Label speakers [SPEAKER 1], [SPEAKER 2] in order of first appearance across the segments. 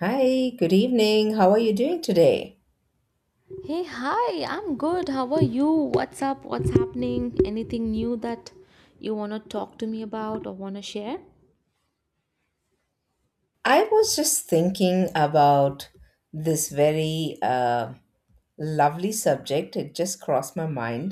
[SPEAKER 1] Hi, good evening. How are you doing today?
[SPEAKER 2] Hey, hi, I'm good. How are you? What's up? What's happening? Anything new that you want to talk to me about or want to share?
[SPEAKER 1] I was just thinking about this very lovely subject. It just crossed my mind.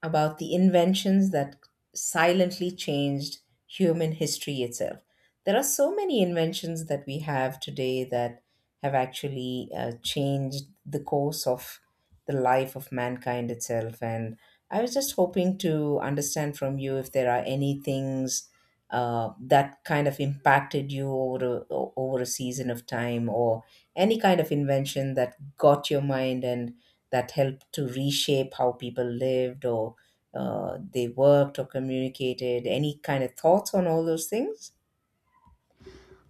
[SPEAKER 1] About the inventions that silently changed human history itself. There are so many inventions that we have today that have actually changed the course of the life of mankind itself. And I was just hoping to understand from you if there are any things that kind of impacted you over over a season of time, or any kind of invention that got your mind and that helped to reshape how people lived, or they worked or communicated? Any kind of thoughts on all those things?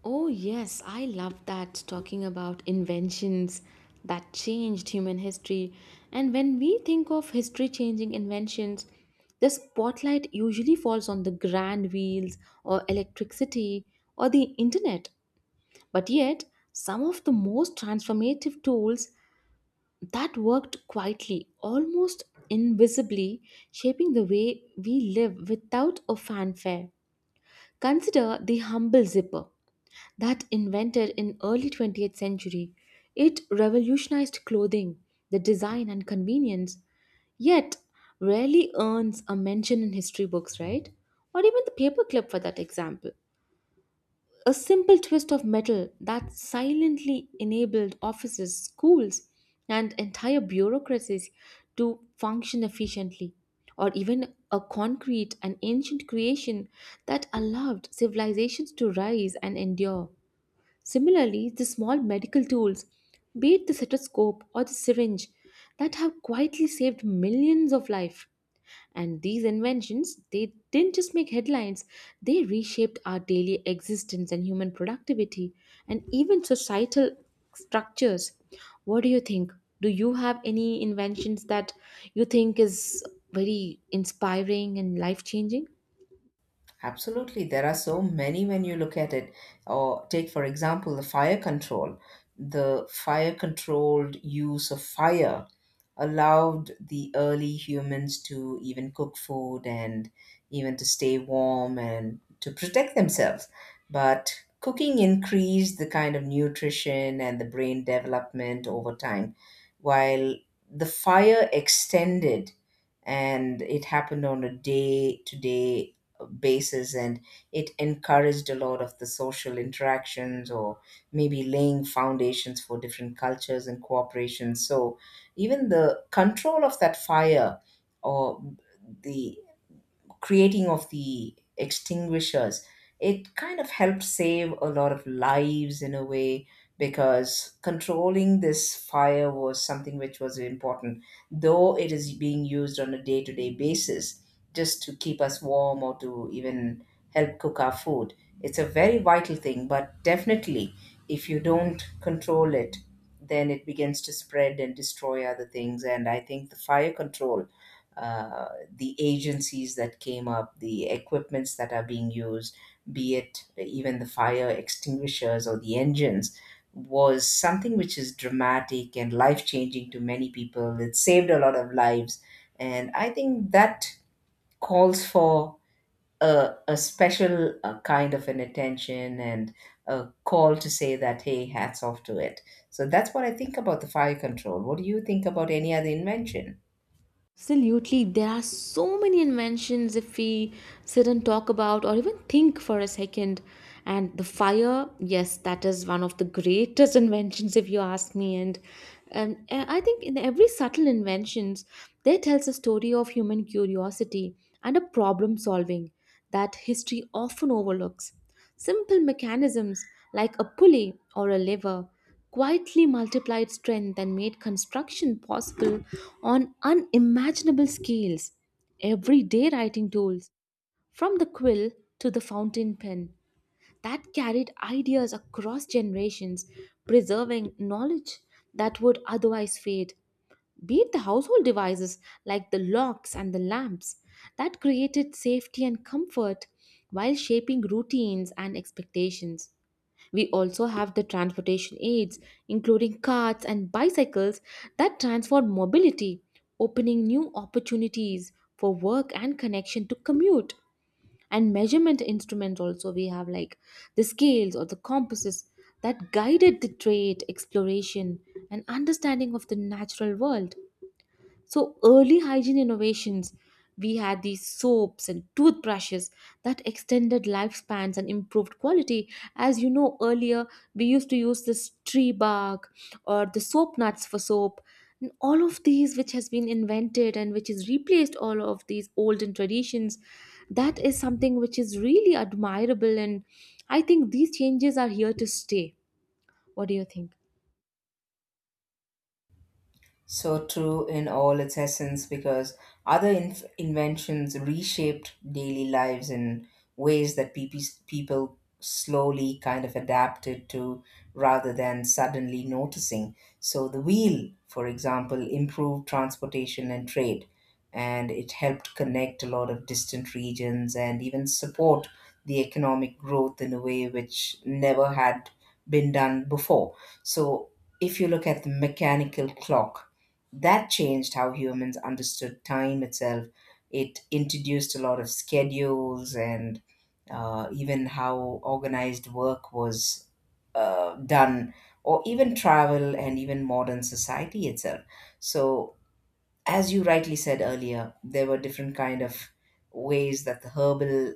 [SPEAKER 2] Oh, yes, I love that. Talking about inventions that changed human history. And when we think of history changing inventions, the spotlight usually falls on the grand wheels or electricity or the internet. But yet, some of the most transformative tools that worked quietly, almost invisibly, shaping the way we live without a fanfare. Consider the humble zipper that invented in early 20th century. It revolutionized clothing, the design and convenience, yet rarely earns a mention in history books, right? Or even the paperclip, for that example, a simple twist of metal that silently enabled offices, schools, and entire bureaucracies to function efficiently, or even a concrete and ancient creation that allowed civilizations to rise and endure. Similarly, the small medical tools, be it the stethoscope or the syringe, that have quietly saved millions of lives. And these inventions, they didn't just make headlines, they reshaped our daily existence and human productivity and even societal structures. What do you think? Do you have any inventions that you think is very inspiring and life changing?
[SPEAKER 1] Absolutely, there are so many when you look at it. Or take, for example, the fire control. The fire controlled use of fire allowed the early humans to even cook food and even to stay warm and to protect themselves. But cooking increased the kind of nutrition and the brain development over time, while the fire extended and it happened on a day to day basis, and it encouraged a lot of the social interactions or maybe laying foundations for different cultures and cooperation. So even the control of that fire or the creating of the extinguishers, it kind of helped save a lot of lives in a way, because controlling this fire was something which was important. Though it is being used on a day-to-day basis just to keep us warm or to even help cook our food, it's a very vital thing. But definitely, if you don't control it, then it begins to spread and destroy other things. And I think the fire control, uh the agencies that came up, the equipments that are being used, be it even the fire extinguishers or the engines, was something which is dramatic and life changing to many people. It saved a lot of lives. And I think that calls for a special kind of an attention and a call to say that, hey, hats off to it. So that's what I think about the fire control. What do you think about any other invention?
[SPEAKER 2] Absolutely, there are so many inventions if we sit and talk about or even think for a second. And the fire, yes, that is one of the greatest inventions, if you ask me. And I think in every subtle inventions, there tells a story of human curiosity and a problem solving that history often overlooks. Simple mechanisms like a pulley or a lever quietly multiplied strength and made construction possible on unimaginable scales. Everyday writing tools, from the quill to the fountain pen, that carried ideas across generations, preserving knowledge that would otherwise fade. Be it the household devices like the locks and the lamps that created safety and comfort while shaping routines and expectations. We also have the transportation aids, including carts and bicycles that transform mobility, opening new opportunities for work and connection to commute. And measurement instruments also we have, like the scales or the compasses, that guided the trade, exploration, and understanding of the natural world. So, early hygiene innovations, we had these soaps and toothbrushes that extended lifespans and improved quality. As you know, earlier we used to use this tree bark or the soap nuts for soap. And all of these, which has been invented and which has replaced all of these olden traditions, that is something which is really admirable. And I think these changes are here to stay. What do you think?
[SPEAKER 1] So true in all its essence, because other inventions reshaped daily lives in ways that people slowly kind of adapted to rather than suddenly noticing. So the wheel, for example, improved transportation and trade, and it helped connect a lot of distant regions and even support the economic growth in a way which never had been done before. So if you look at the mechanical clock, that changed how humans understood time itself. It introduced a lot of schedules and even how organized work was done, or even travel and even modern society itself. So, as you rightly said earlier, there were different kind of ways that the herbal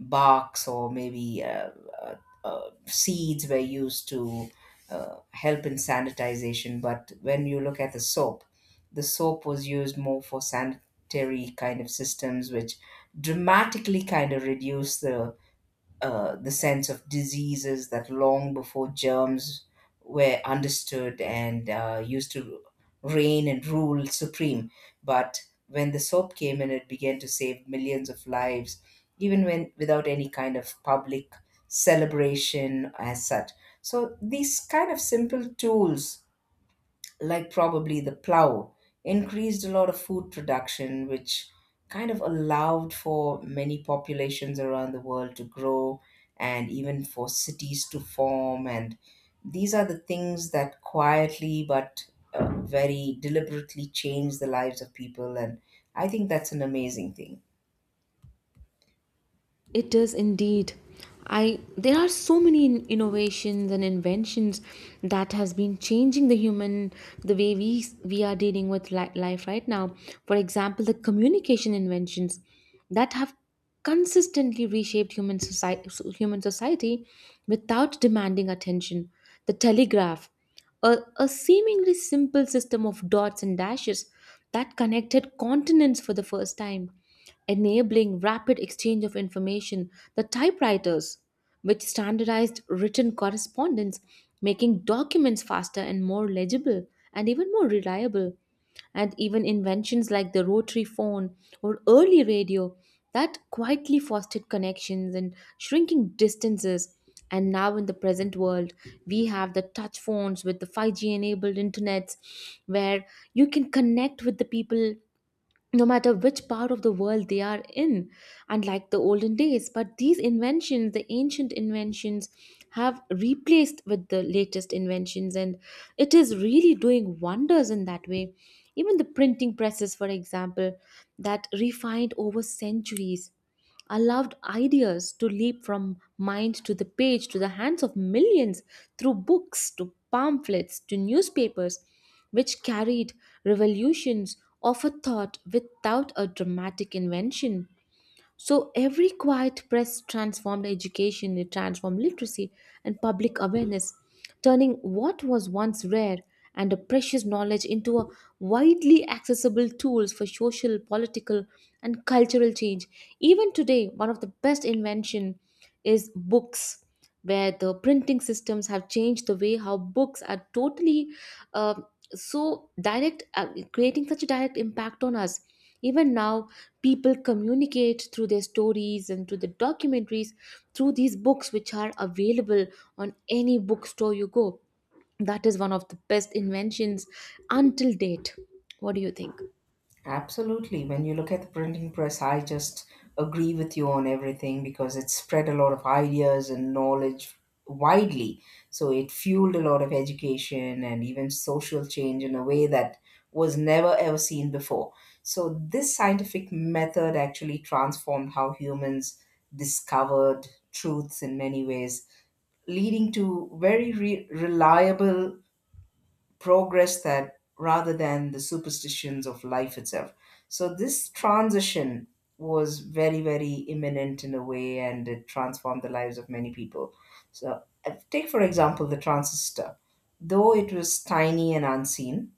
[SPEAKER 1] barks or maybe uh, seeds were used to help in sanitization. But when you look at the soap was used more for sanitary kind of systems, which dramatically kind of reduced the sense of diseases that long before germs were understood and used to reign and rule supreme. But when the soap came in, it began to save millions of lives, even when without any kind of public celebration as such. So these kind of simple tools, like probably the plow, increased a lot of food production, which kind of allowed for many populations around the world to grow and even for cities to form. And these are the things that quietly but very deliberately change the lives of people. And I think that's an amazing thing.
[SPEAKER 2] It is indeed. I, there are so many innovations and inventions that has been changing the human, the way we are dealing with life right now. For example, the communication inventions that have consistently reshaped human society without demanding attention. The telegraph, a seemingly simple system of dots and dashes that connected continents for the first time, enabling rapid exchange of information, the typewriters, which standardized written correspondence, making documents faster and more legible and even more reliable, and even inventions like the rotary phone or early radio that quietly fostered connections and shrinking distances. And now, in the present world, we have the touch phones with the 5G enabled internets, where you can connect with the people no matter which part of the world they are in, unlike the olden days. But these inventions, the ancient inventions, have replaced with the latest inventions, and it is really doing wonders in that way. Even the printing presses, for example, that refined over centuries, allowed ideas to leap from mind to the page to the hands of millions, through books to pamphlets to newspapers, which carried revolutions of a thought without a dramatic invention. So every quiet press transformed education, it transformed literacy and public awareness, turning what was once rare and a precious knowledge into a widely accessible tools for social, political, and cultural change. Even today, one of the best invention is books, where the printing systems have changed the way how books are totally uh, so direct, creating such a direct impact on us. Even now, people communicate through their stories and through the documentaries, through these books which are available on any bookstore you go. That is one of the best inventions until date. What do you think?
[SPEAKER 1] Absolutely. When you look at the printing press, I just agree with you on everything, because it spread a lot of ideas and knowledge widely. So it fueled a lot of education and even social change in a way that was never ever seen before. So this scientific method actually transformed how humans discovered truths in many ways, leading to very reliable progress that rather than the superstitions of life itself. So this transition was very, very imminent in a way, and it transformed the lives of many people. So take for example the transistor. Though it was tiny and unseen,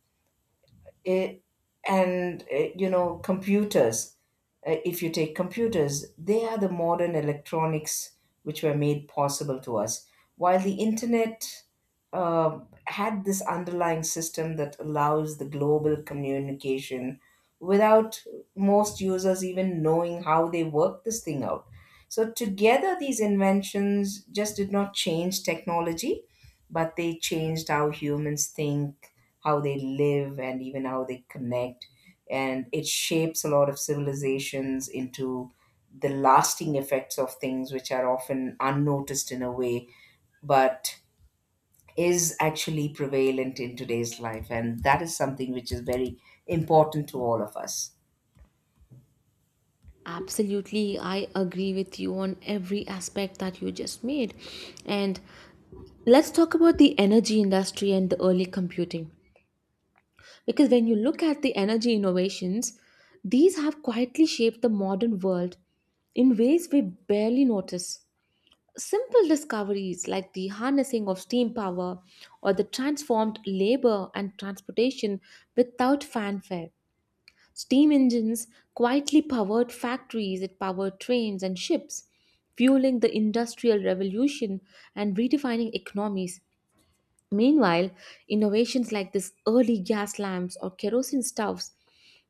[SPEAKER 1] it and you know computers, if you take computers, they are the modern electronics which were made possible to us. While the internet uh, had this underlying system that allows the global communication without most users even knowing how they work this thing out. So, together, these inventions just did not change technology, but they changed how humans think, how they live, and even how they connect, and it shapes a lot of civilizations into the lasting effects of things which are often unnoticed in a way, but is actually prevalent in today's life. And that is something which is very important to all of us.
[SPEAKER 2] Absolutely, I agree with you on every aspect that you just made. And let's talk about the energy industry and the early computing. Because when you look at the energy innovations, these have quietly shaped the modern world in ways we barely notice. Simple discoveries like the harnessing of steam power or the transformed labor and transportation without fanfare. Steam engines quietly powered factories, it powered trains and ships, fueling the industrial revolution and redefining economies. Meanwhile, innovations like these early gas lamps or kerosene stoves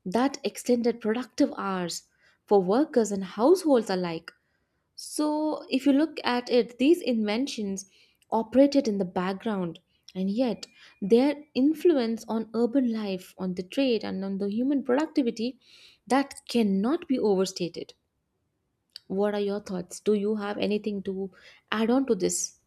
[SPEAKER 2] that extended productive hours for workers and households alike. So, if you look at it, these inventions operated in the background, and yet their influence on urban life, on the trade, and on the human productivity that cannot be overstated. What are your thoughts? Do you have anything to add on to this?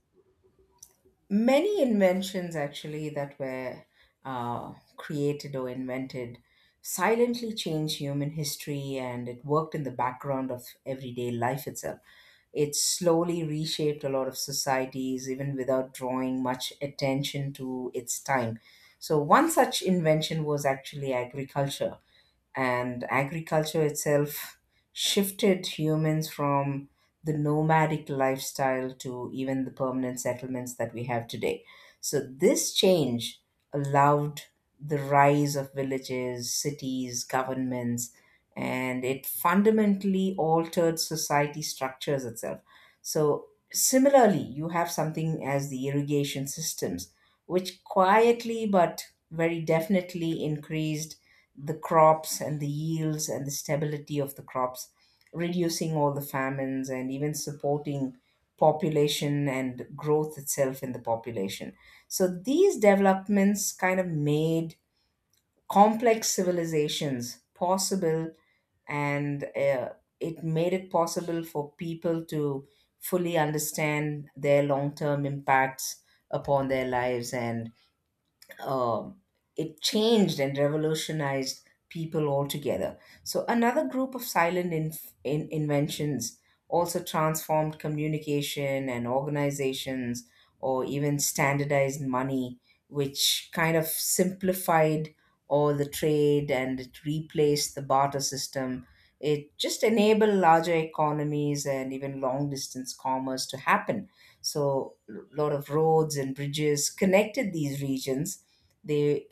[SPEAKER 1] Many inventions actually that were created or invented silently changed human history, and it worked in the background of everyday life itself. It slowly reshaped a lot of societies, even without drawing much attention to its time. So, one such invention was actually agriculture, and agriculture itself shifted humans from the nomadic lifestyle to even the permanent settlements that we have today. So, this change allowed the rise of villages, cities, governments, and it fundamentally altered society structures itself. So, similarly, you have something as the irrigation systems, which quietly but very definitely increased the crops and the yields and the stability of the crops, reducing all the famines and even supporting population and growth itself in the population. So these developments kind of made complex civilizations possible, and it made it possible for people to fully understand their long term impacts upon their lives. And um, it changed and revolutionized people altogether. So another group of silent inventions also transformed communication and organizations or even standardized money, which kind of simplified all the trade and it replaced the barter system. It just enabled larger economies and even long distance commerce to happen. So, a lot of roads and bridges connected these regions. They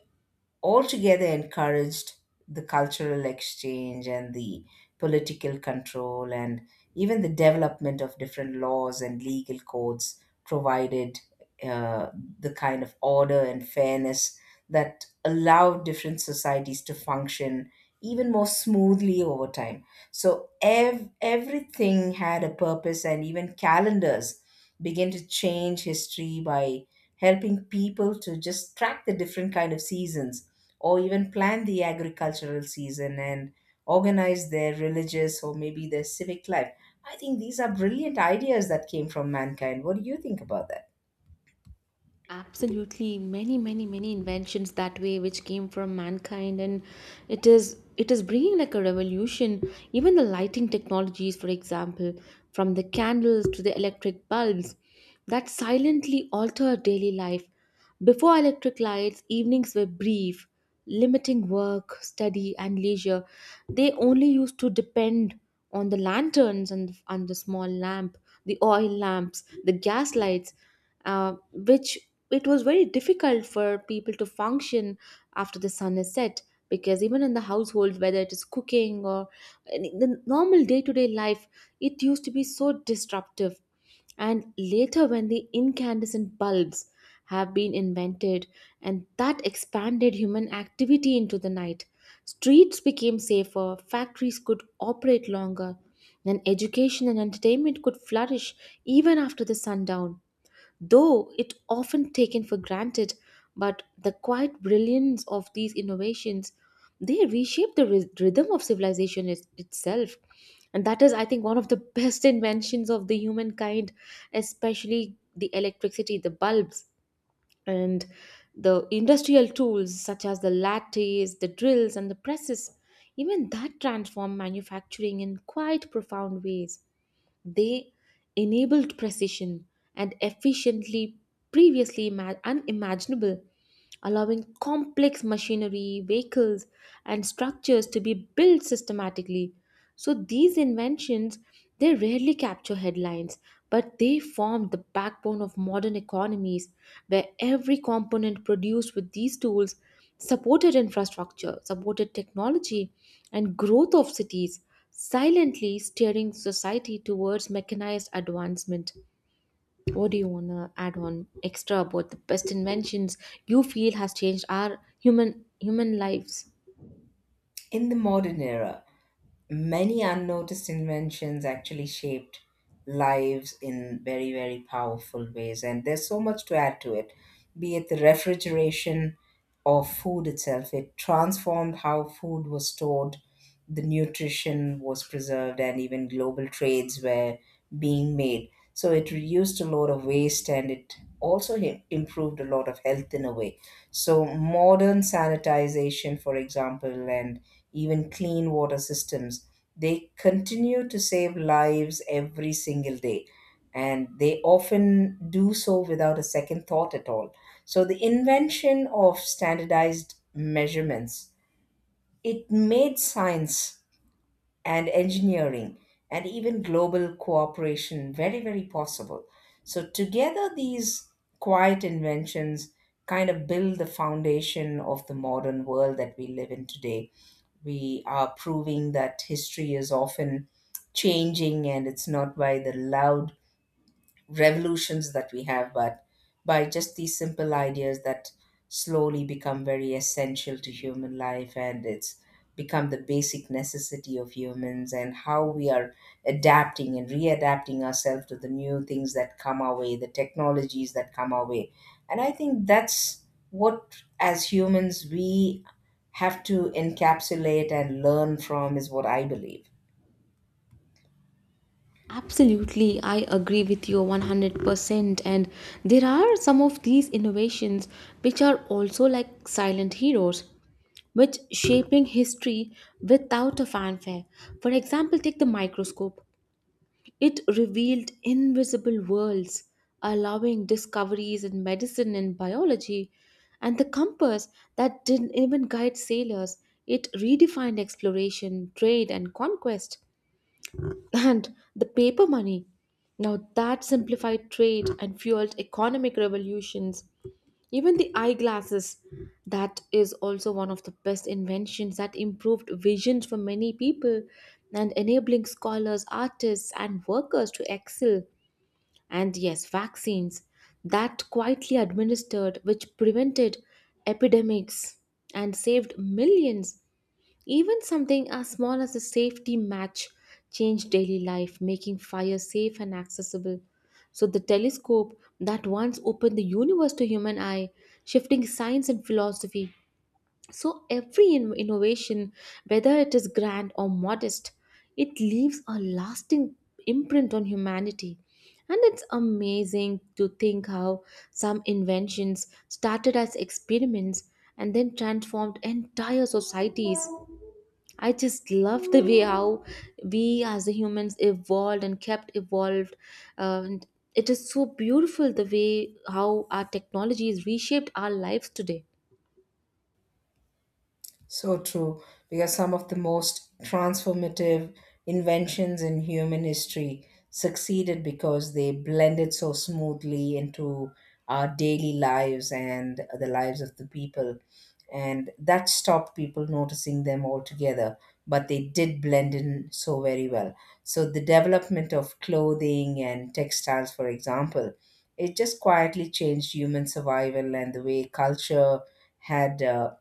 [SPEAKER 1] altogether encouraged the cultural exchange and the political control, and even the development of different laws and legal codes provided uh, the kind of order and fairness that allowed different societies to function even more smoothly over time. So everything had a purpose, and even calendars begin to change history by helping people to just track the different kind of seasons or even plan the agricultural season and organize their religious or maybe their civic life. I think these are brilliant ideas that came from mankind. What do you think about that?
[SPEAKER 2] Absolutely, many inventions that way which came from mankind, and it is bringing like a revolution. Even the lighting technologies, for example, from the candles to the electric bulbs, that silently alter daily life. Before electric lights, evenings were brief, limiting work, study, and leisure. They only used to depend on the lanterns, on the small lamp, the oil lamps, the gas lights, which it was very difficult for people to function after the sun is set, because even in the household, whether it is cooking or in the normal day-to-day life, it used to be so disruptive. And later, when the incandescent bulbs have been invented, and that expanded human activity into the night. Streets became safer, factories could operate longer, and education and entertainment could flourish even after the sundown. Though it often taken for granted, but the quiet brilliance of these innovations, they reshape the rhythm of civilization itself. And that is, I think, one of the best inventions of the humankind, especially the electricity, the bulbs, and the industrial tools such as the lattes, the drills, and the presses. Even that transform manufacturing in quite profound ways. They enabled precision and efficiently previously unimaginable, allowing complex machinery, vehicles, and structures to be built systematically. So these inventions, they rarely capture headlines, but they form the backbone of modern economies, where every component produced with these tools supported infrastructure, supported technology, and growth of cities, silently steering society towards mechanized advancement. What do you want to add on extra about the best inventions you feel has changed our human lives?
[SPEAKER 1] In the modern era, many unnoticed inventions actually shaped lives in very, very powerful ways, and there's so much to add to it. Be it the refrigeration or food itself, it transformed how food was stored, the nutrition was preserved, and even global trades were being made. So it reduced a lot of waste and it also improved a lot of health in a way. So modern sanitization, for example, and even clean water systems, they continue to save lives every single day, and they often do so without a second thought at all. So, the invention of standardized measurements, it made science and engineering and even global cooperation very, very possible. So, together, these quiet inventions kind of build the foundation of the modern world that we live in today. We are proving that history is often changing, and it's not by the loud revolutions that we have, but by just these simple ideas that slowly become very essential to human life. And it's become the basic necessity of humans and how we are adapting and readapting ourselves to the new things that come our way, the technologies that come our way. And I think that's what, as humans, we have to encapsulate and learn from, is what I believe.
[SPEAKER 2] Absolutely, I agree with you 100%. And there are some of these innovations which are also like silent heroes, which shaping history without a fanfare. For example, take the microscope. It revealed invisible worlds, allowing discoveries in medicine and biology, and the compass that didn't even guide sailors. It redefined exploration, trade, and conquest. And the paper money. Now that simplified trade and fueled economic revolutions. Even the eyeglasses, that is also one of the best inventions that improved vision for many people and enabling scholars, artists, and workers to excel. And yes, vaccines that quietly administered, which prevented epidemics and saved millions. Even something as small as a safety match changed daily life, making fire safe and accessible. So, the telescope that once opened the universe to human eye, shifting science and philosophy. So, every innovation, whether it is grand or modest, it leaves a lasting imprint on humanity. And it's amazing to think how some inventions started as experiments and then transformed entire societies. I just love the way how we as the humans evolved and kept evolved. And it is so beautiful the way how our technology has reshaped our lives today.
[SPEAKER 1] So true, because some of the most transformative inventions in human history succeeded because they blended so smoothly into our daily lives and the lives of the people. And that stopped people noticing them altogether, but they did blend in so very well. So, the development of clothing and textiles, for example, it just quietly changed human survival and the way culture had.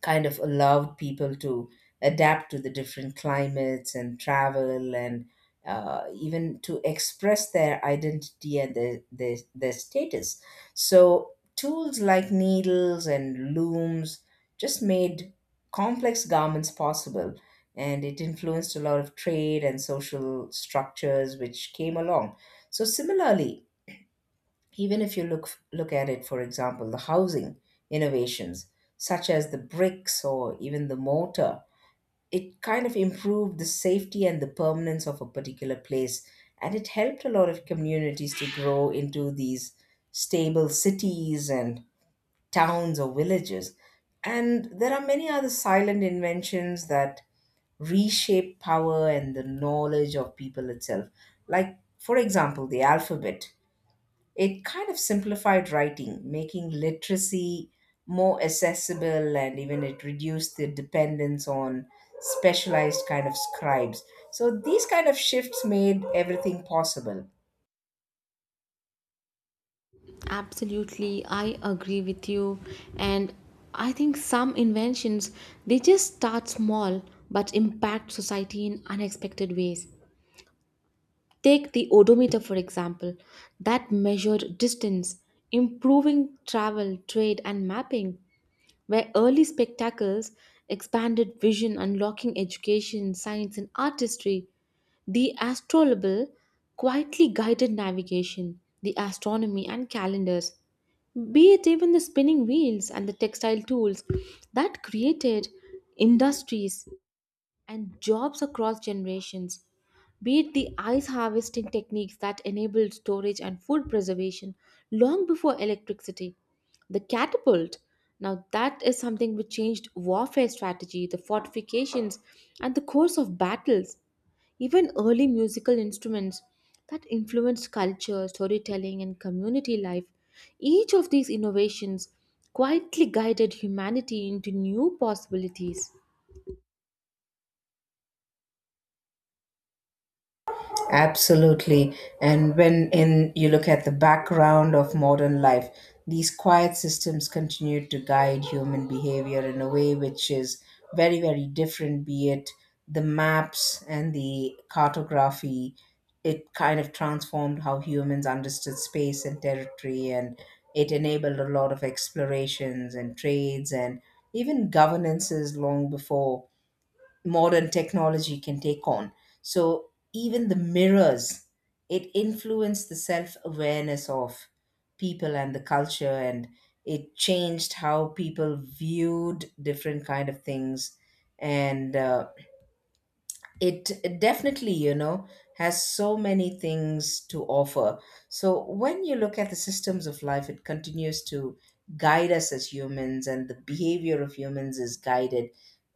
[SPEAKER 1] Kind of allowed people to adapt to the different climates and travel, and even to express their identity and their status. So, tools like needles and looms just made complex garments possible, and it influenced a lot of trade and social structures which came along. So, similarly, even if you look at it, for example, the housing innovations such as the bricks or even the mortar, it kind of improved the safety and the permanence of a particular place, and it helped a lot of communities to grow into these stable cities and towns or villages. And there are many other silent inventions that reshape power and the knowledge of people itself, like, for example, the alphabet. It kind of simplified writing, making literacy more accessible, and even it reduced the dependence on specialized kind of scribes. So these kind of shifts made everything possible.
[SPEAKER 2] Absolutely, I agree with you. And I think some inventions, they just start small but impact society in unexpected ways. Take the odometer, for example, that measured distance, improving travel, trade, and mapping. Where early spectacles expanded vision, unlocking education, science, and artistry. The astrolabal quietly guided navigation, the astronomy, and calendars, be it even the spinning wheels and the textile tools that created industries and jobs across generations. Be it the ice harvesting techniques that enabled storage and food preservation long before electricity. The catapult, now that is something which changed warfare strategy, the fortifications, and the course of battles. Even early musical instruments that influenced culture, storytelling, and community life. Each of these innovations quietly guided humanity into new possibilities.
[SPEAKER 1] Absolutely. And when in you look at the background of modern life, these quiet systems continue to guide human behavior in a way which is very, very different, be it the maps and the cartography. It kind of transformed how humans understood space and territory, and it enabled a lot of explorations and trades and even governances long before modern technology can take on. So even the mirrors, it influenced the self awareness of people and the culture, and it changed how people viewed different kind of things. And It definitely, you know, has so many things to offer. So when you look at the systems of life, it continues to guide us as humans, and the behavior of humans is guided,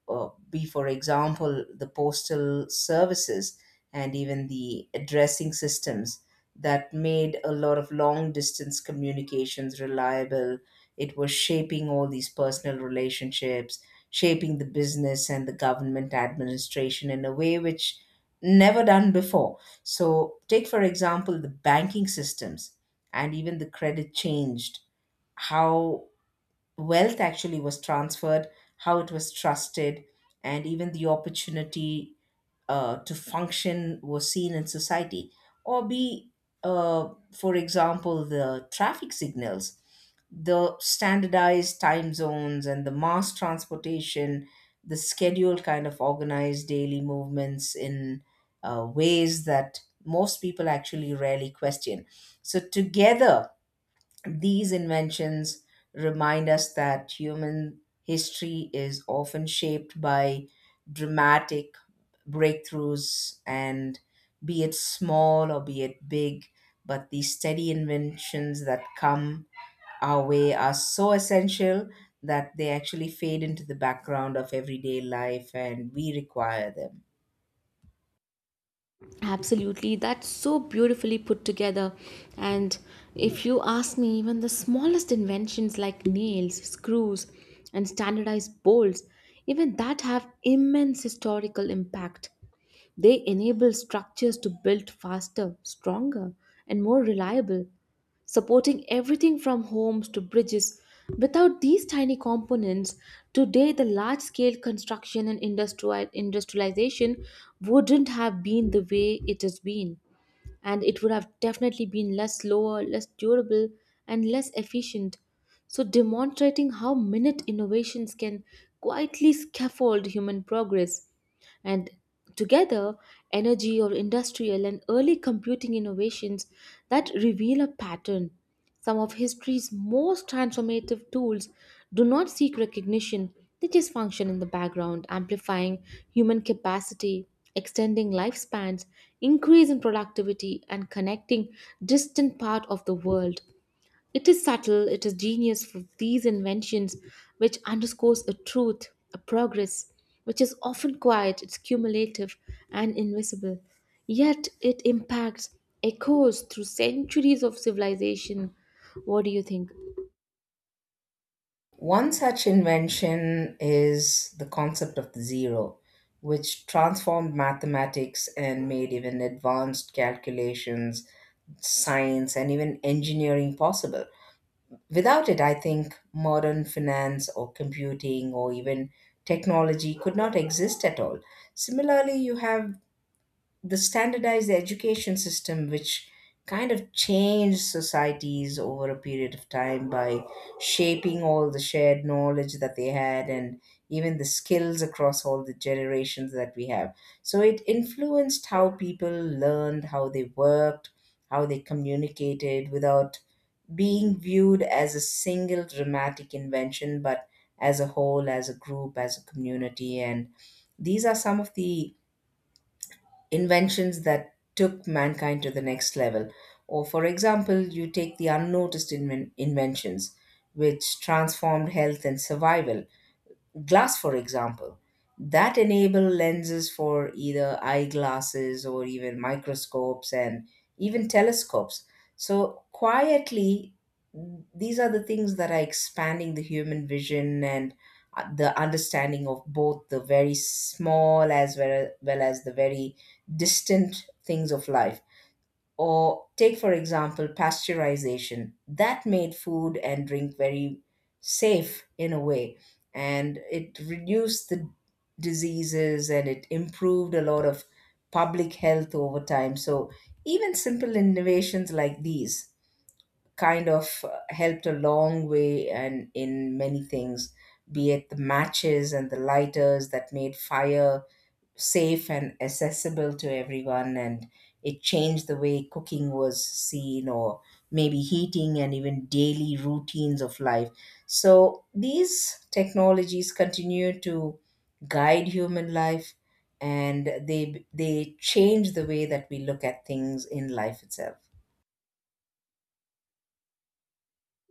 [SPEAKER 1] be, for example, the postal services and even the addressing systems that made a lot of long distance communications reliable. It was shaping all these personal relationships, shaping the business and the government administration in a way which never done before. So, take for example the banking systems, and even the credit changed how wealth actually was transferred, how it was trusted, and even the opportunity to function was seen in society. Or be, for example, the traffic signals, the standardized time zones, and the mass transportation, the scheduled kind of organized daily movements in ways that most people actually rarely question. So, together, these inventions remind us that human history is often shaped by dramatic breakthroughs, and be it small or be it big, but the steady inventions that come our way are so essential that they actually fade into the background of everyday life and we require them.
[SPEAKER 2] Absolutely, that's so beautifully put together. And if you ask me, even the smallest inventions like nails, screws, and standardized bolts, even that have immense historical impact. They enable structures to build faster, stronger, and more reliable, supporting everything from homes to bridges. Without these tiny components, today the large scale construction and industrialization wouldn't have been the way it has been, and it would have definitely been less slower, less durable, and less efficient. So, demonstrating how minute innovations can quietly scaffold human progress. And together, energy or industrial and early computing innovations that reveal a pattern. Some of history's most transformative tools do not seek recognition, they just function in the background, amplifying human capacity, extending lifespans, increasing productivity, and connecting distant parts of the world. It is subtle, it is genius for these inventions, which underscores a truth, a progress, which is often quiet, it's cumulative and invisible. Yet it impacts, echoes through centuries of civilization. What do you think?
[SPEAKER 1] One such invention is the concept of the zero, which transformed mathematics and made even advanced calculations, science, and even engineering possible. Without it, I think modern finance or computing or even technology could not exist at all. Similarly, you have the standardized education system, which kind of changed societies over a period of time by shaping all the shared knowledge that they had and even the skills across all the generations that we have. So it influenced how people learned, how they worked, how they communicated, without being viewed as a single dramatic invention, but as a whole, as a group, as a community. And these are some of the inventions that took mankind to the next level. Or, for example, you take the unnoticed inventions, which transformed health and survival. Glass, for example, that enable lenses for either eyeglasses or even microscopes and even telescopes. So quietly, these are the things that are expanding the human vision and the understanding of both the very small, as well as the very distant things of life. Or take, for example, pasteurization. That made food and drink very safe in a way. And it reduced the diseases and it improved a lot of public health over time. So even simple innovations like these kind of helped a long way and in many things, be it the matches and the lighters that made fire safe and accessible to everyone, and it changed the way cooking was seen, or maybe heating and even daily routines of life. So these technologies continue to guide human life, and they change the way that we look at things in life itself.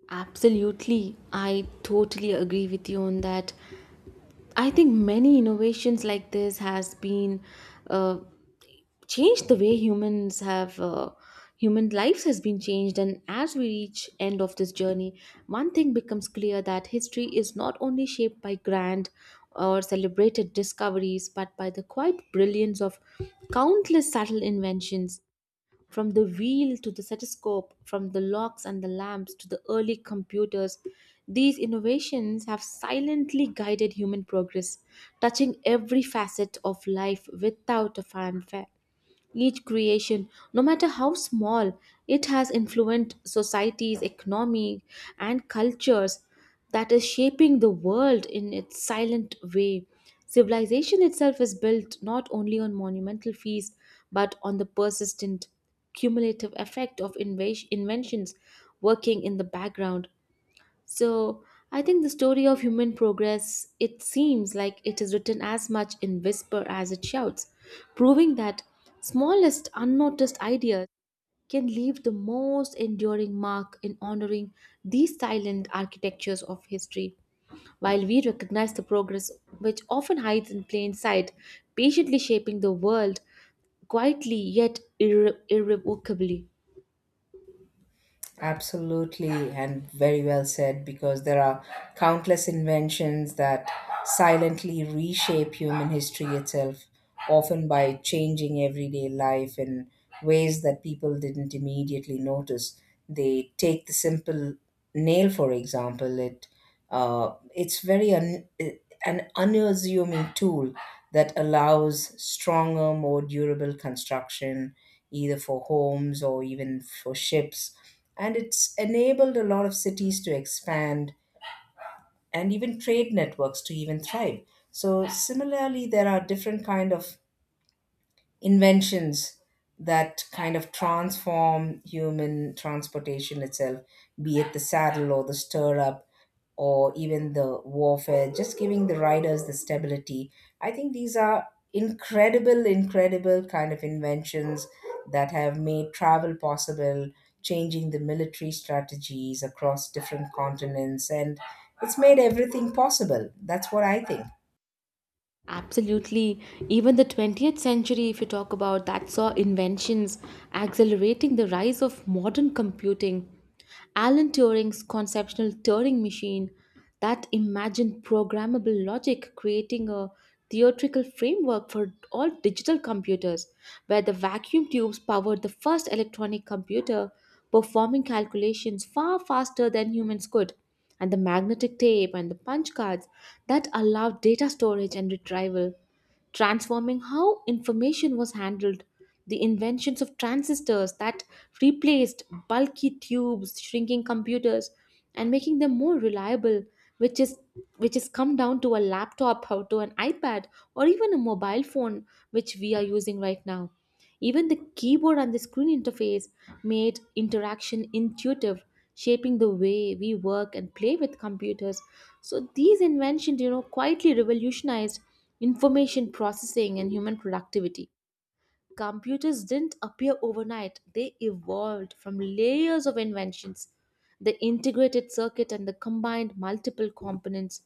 [SPEAKER 2] Absolutely. I totally agree with you on that. I think many innovations like this has been uh, changed the way humans have human lives has been changed, and as we reach end of this journey, one thing becomes clear that history is not only shaped by grand or celebrated discoveries, but by the quiet brilliance of countless subtle inventions, from the wheel to the stethoscope, from the locks and the lamps to the early computers. These innovations have silently guided human progress, touching every facet of life without a fanfare. Each creation, no matter how small, it has influenced societies, economy, and cultures, that is shaping the world in its silent way. Civilization itself is built not only on monumental feats but on the persistent cumulative effect of inventions working in the background. So I think the story of human progress, it seems like it is written as much in whisper as it shouts, proving that smallest unnoticed ideas can leave the most enduring mark in honoring these silent architectures of history, while we recognize the progress which often hides in plain sight, patiently shaping the world quietly yet irrevocably.
[SPEAKER 1] Absolutely, and very well said, because there are countless inventions that silently reshape human history itself, often by changing everyday life in ways that people didn't immediately notice. They take the simple nail, for example. It's an unassuming tool that allows stronger, more durable construction, either for homes or even for ships, and it's enabled a lot of cities to expand and even trade networks to even thrive. So similarly, there are different kind of inventions that kind of transform human transportation itself, be it the saddle or the stir up or even the warfare, just giving the riders the stability. I think these are incredible, incredible kind of inventions that have made travel possible, changing the military strategies across different continents, and it's made everything possible. That's what I think.
[SPEAKER 2] Absolutely. Even the 20th century, if you talk about that, saw inventions accelerating the rise of modern computing. Alan Turing's conceptual Turing machine, that imagined programmable logic creating a theoretical framework for all digital computers, where the vacuum tubes powered the first electronic computer, performing calculations far faster than humans could, and the magnetic tape and the punch cards that allowed data storage and retrieval, transforming how information was handled. The inventions of transistors that replaced bulky tubes, shrinking computers, and making them more reliable, which is which has come down to a laptop or to an iPad or even a mobile phone which we are using right now. Even the keyboard and the screen interface made interaction intuitive, shaping the way we work and play with computers. So these inventions, you know, quietly revolutionized information processing and human productivity. Computers didn't appear overnight, they evolved from layers of inventions. The integrated circuit and the combined multiple components.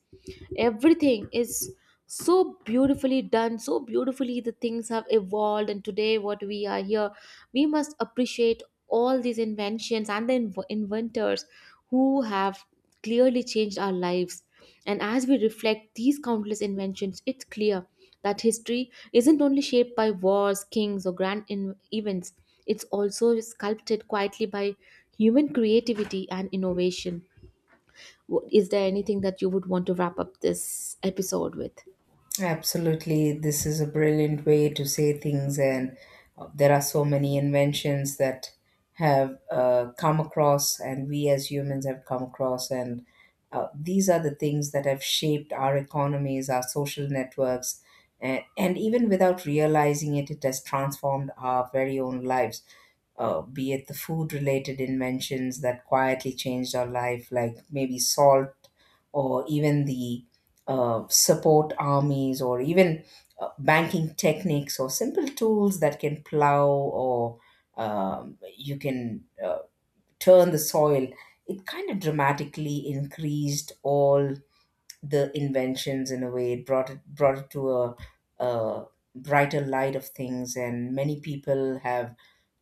[SPEAKER 2] Everything is so beautifully done, so beautifully the things have evolved, and today what we are here, we must appreciate all these inventions and the inventors who have clearly changed our lives. And as we reflect these countless inventions, it's clear that history isn't only shaped by wars, kings, or events, it's also sculpted quietly by human creativity and innovation. Is there anything that you would want to wrap up this episode with?
[SPEAKER 1] Absolutely, this is a brilliant way to say things. And There are so many inventions that have come across, and we as humans have come across, and these are the things that have shaped our economies, our social networks, and even without realizing it, it has transformed our very own lives, be it the food related inventions that quietly changed our life, like maybe salt, or even the support armies, or even banking techniques, or simple tools that can plow, or you can turn the soil. It kind of dramatically increased all the inventions in a way. It brought it to a brighter light of things, and many people have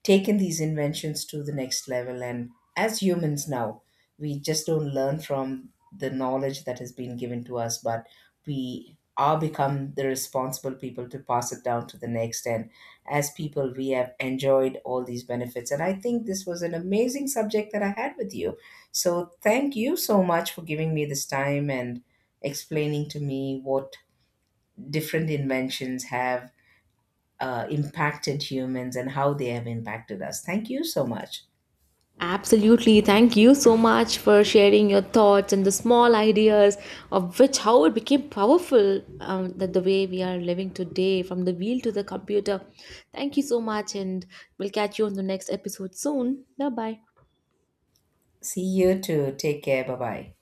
[SPEAKER 1] taken these inventions to the next level. And as humans now, we just don't learn from the knowledge that has been given to us, but we are become the responsible people to pass it down to the next. And as people, we have enjoyed all these benefits. And I think this was an amazing subject that I had with you. So thank you so much for giving me this time and explaining to me what different inventions have impacted humans and how they have impacted us. Thank you so much.
[SPEAKER 2] Absolutely. Thank you so much for sharing your thoughts and the small ideas of which how it became powerful that the way we are living today, from the wheel to the computer. Thank you so much, and we'll catch you on the next episode soon. Bye bye.
[SPEAKER 1] See you too. Take care. Bye bye.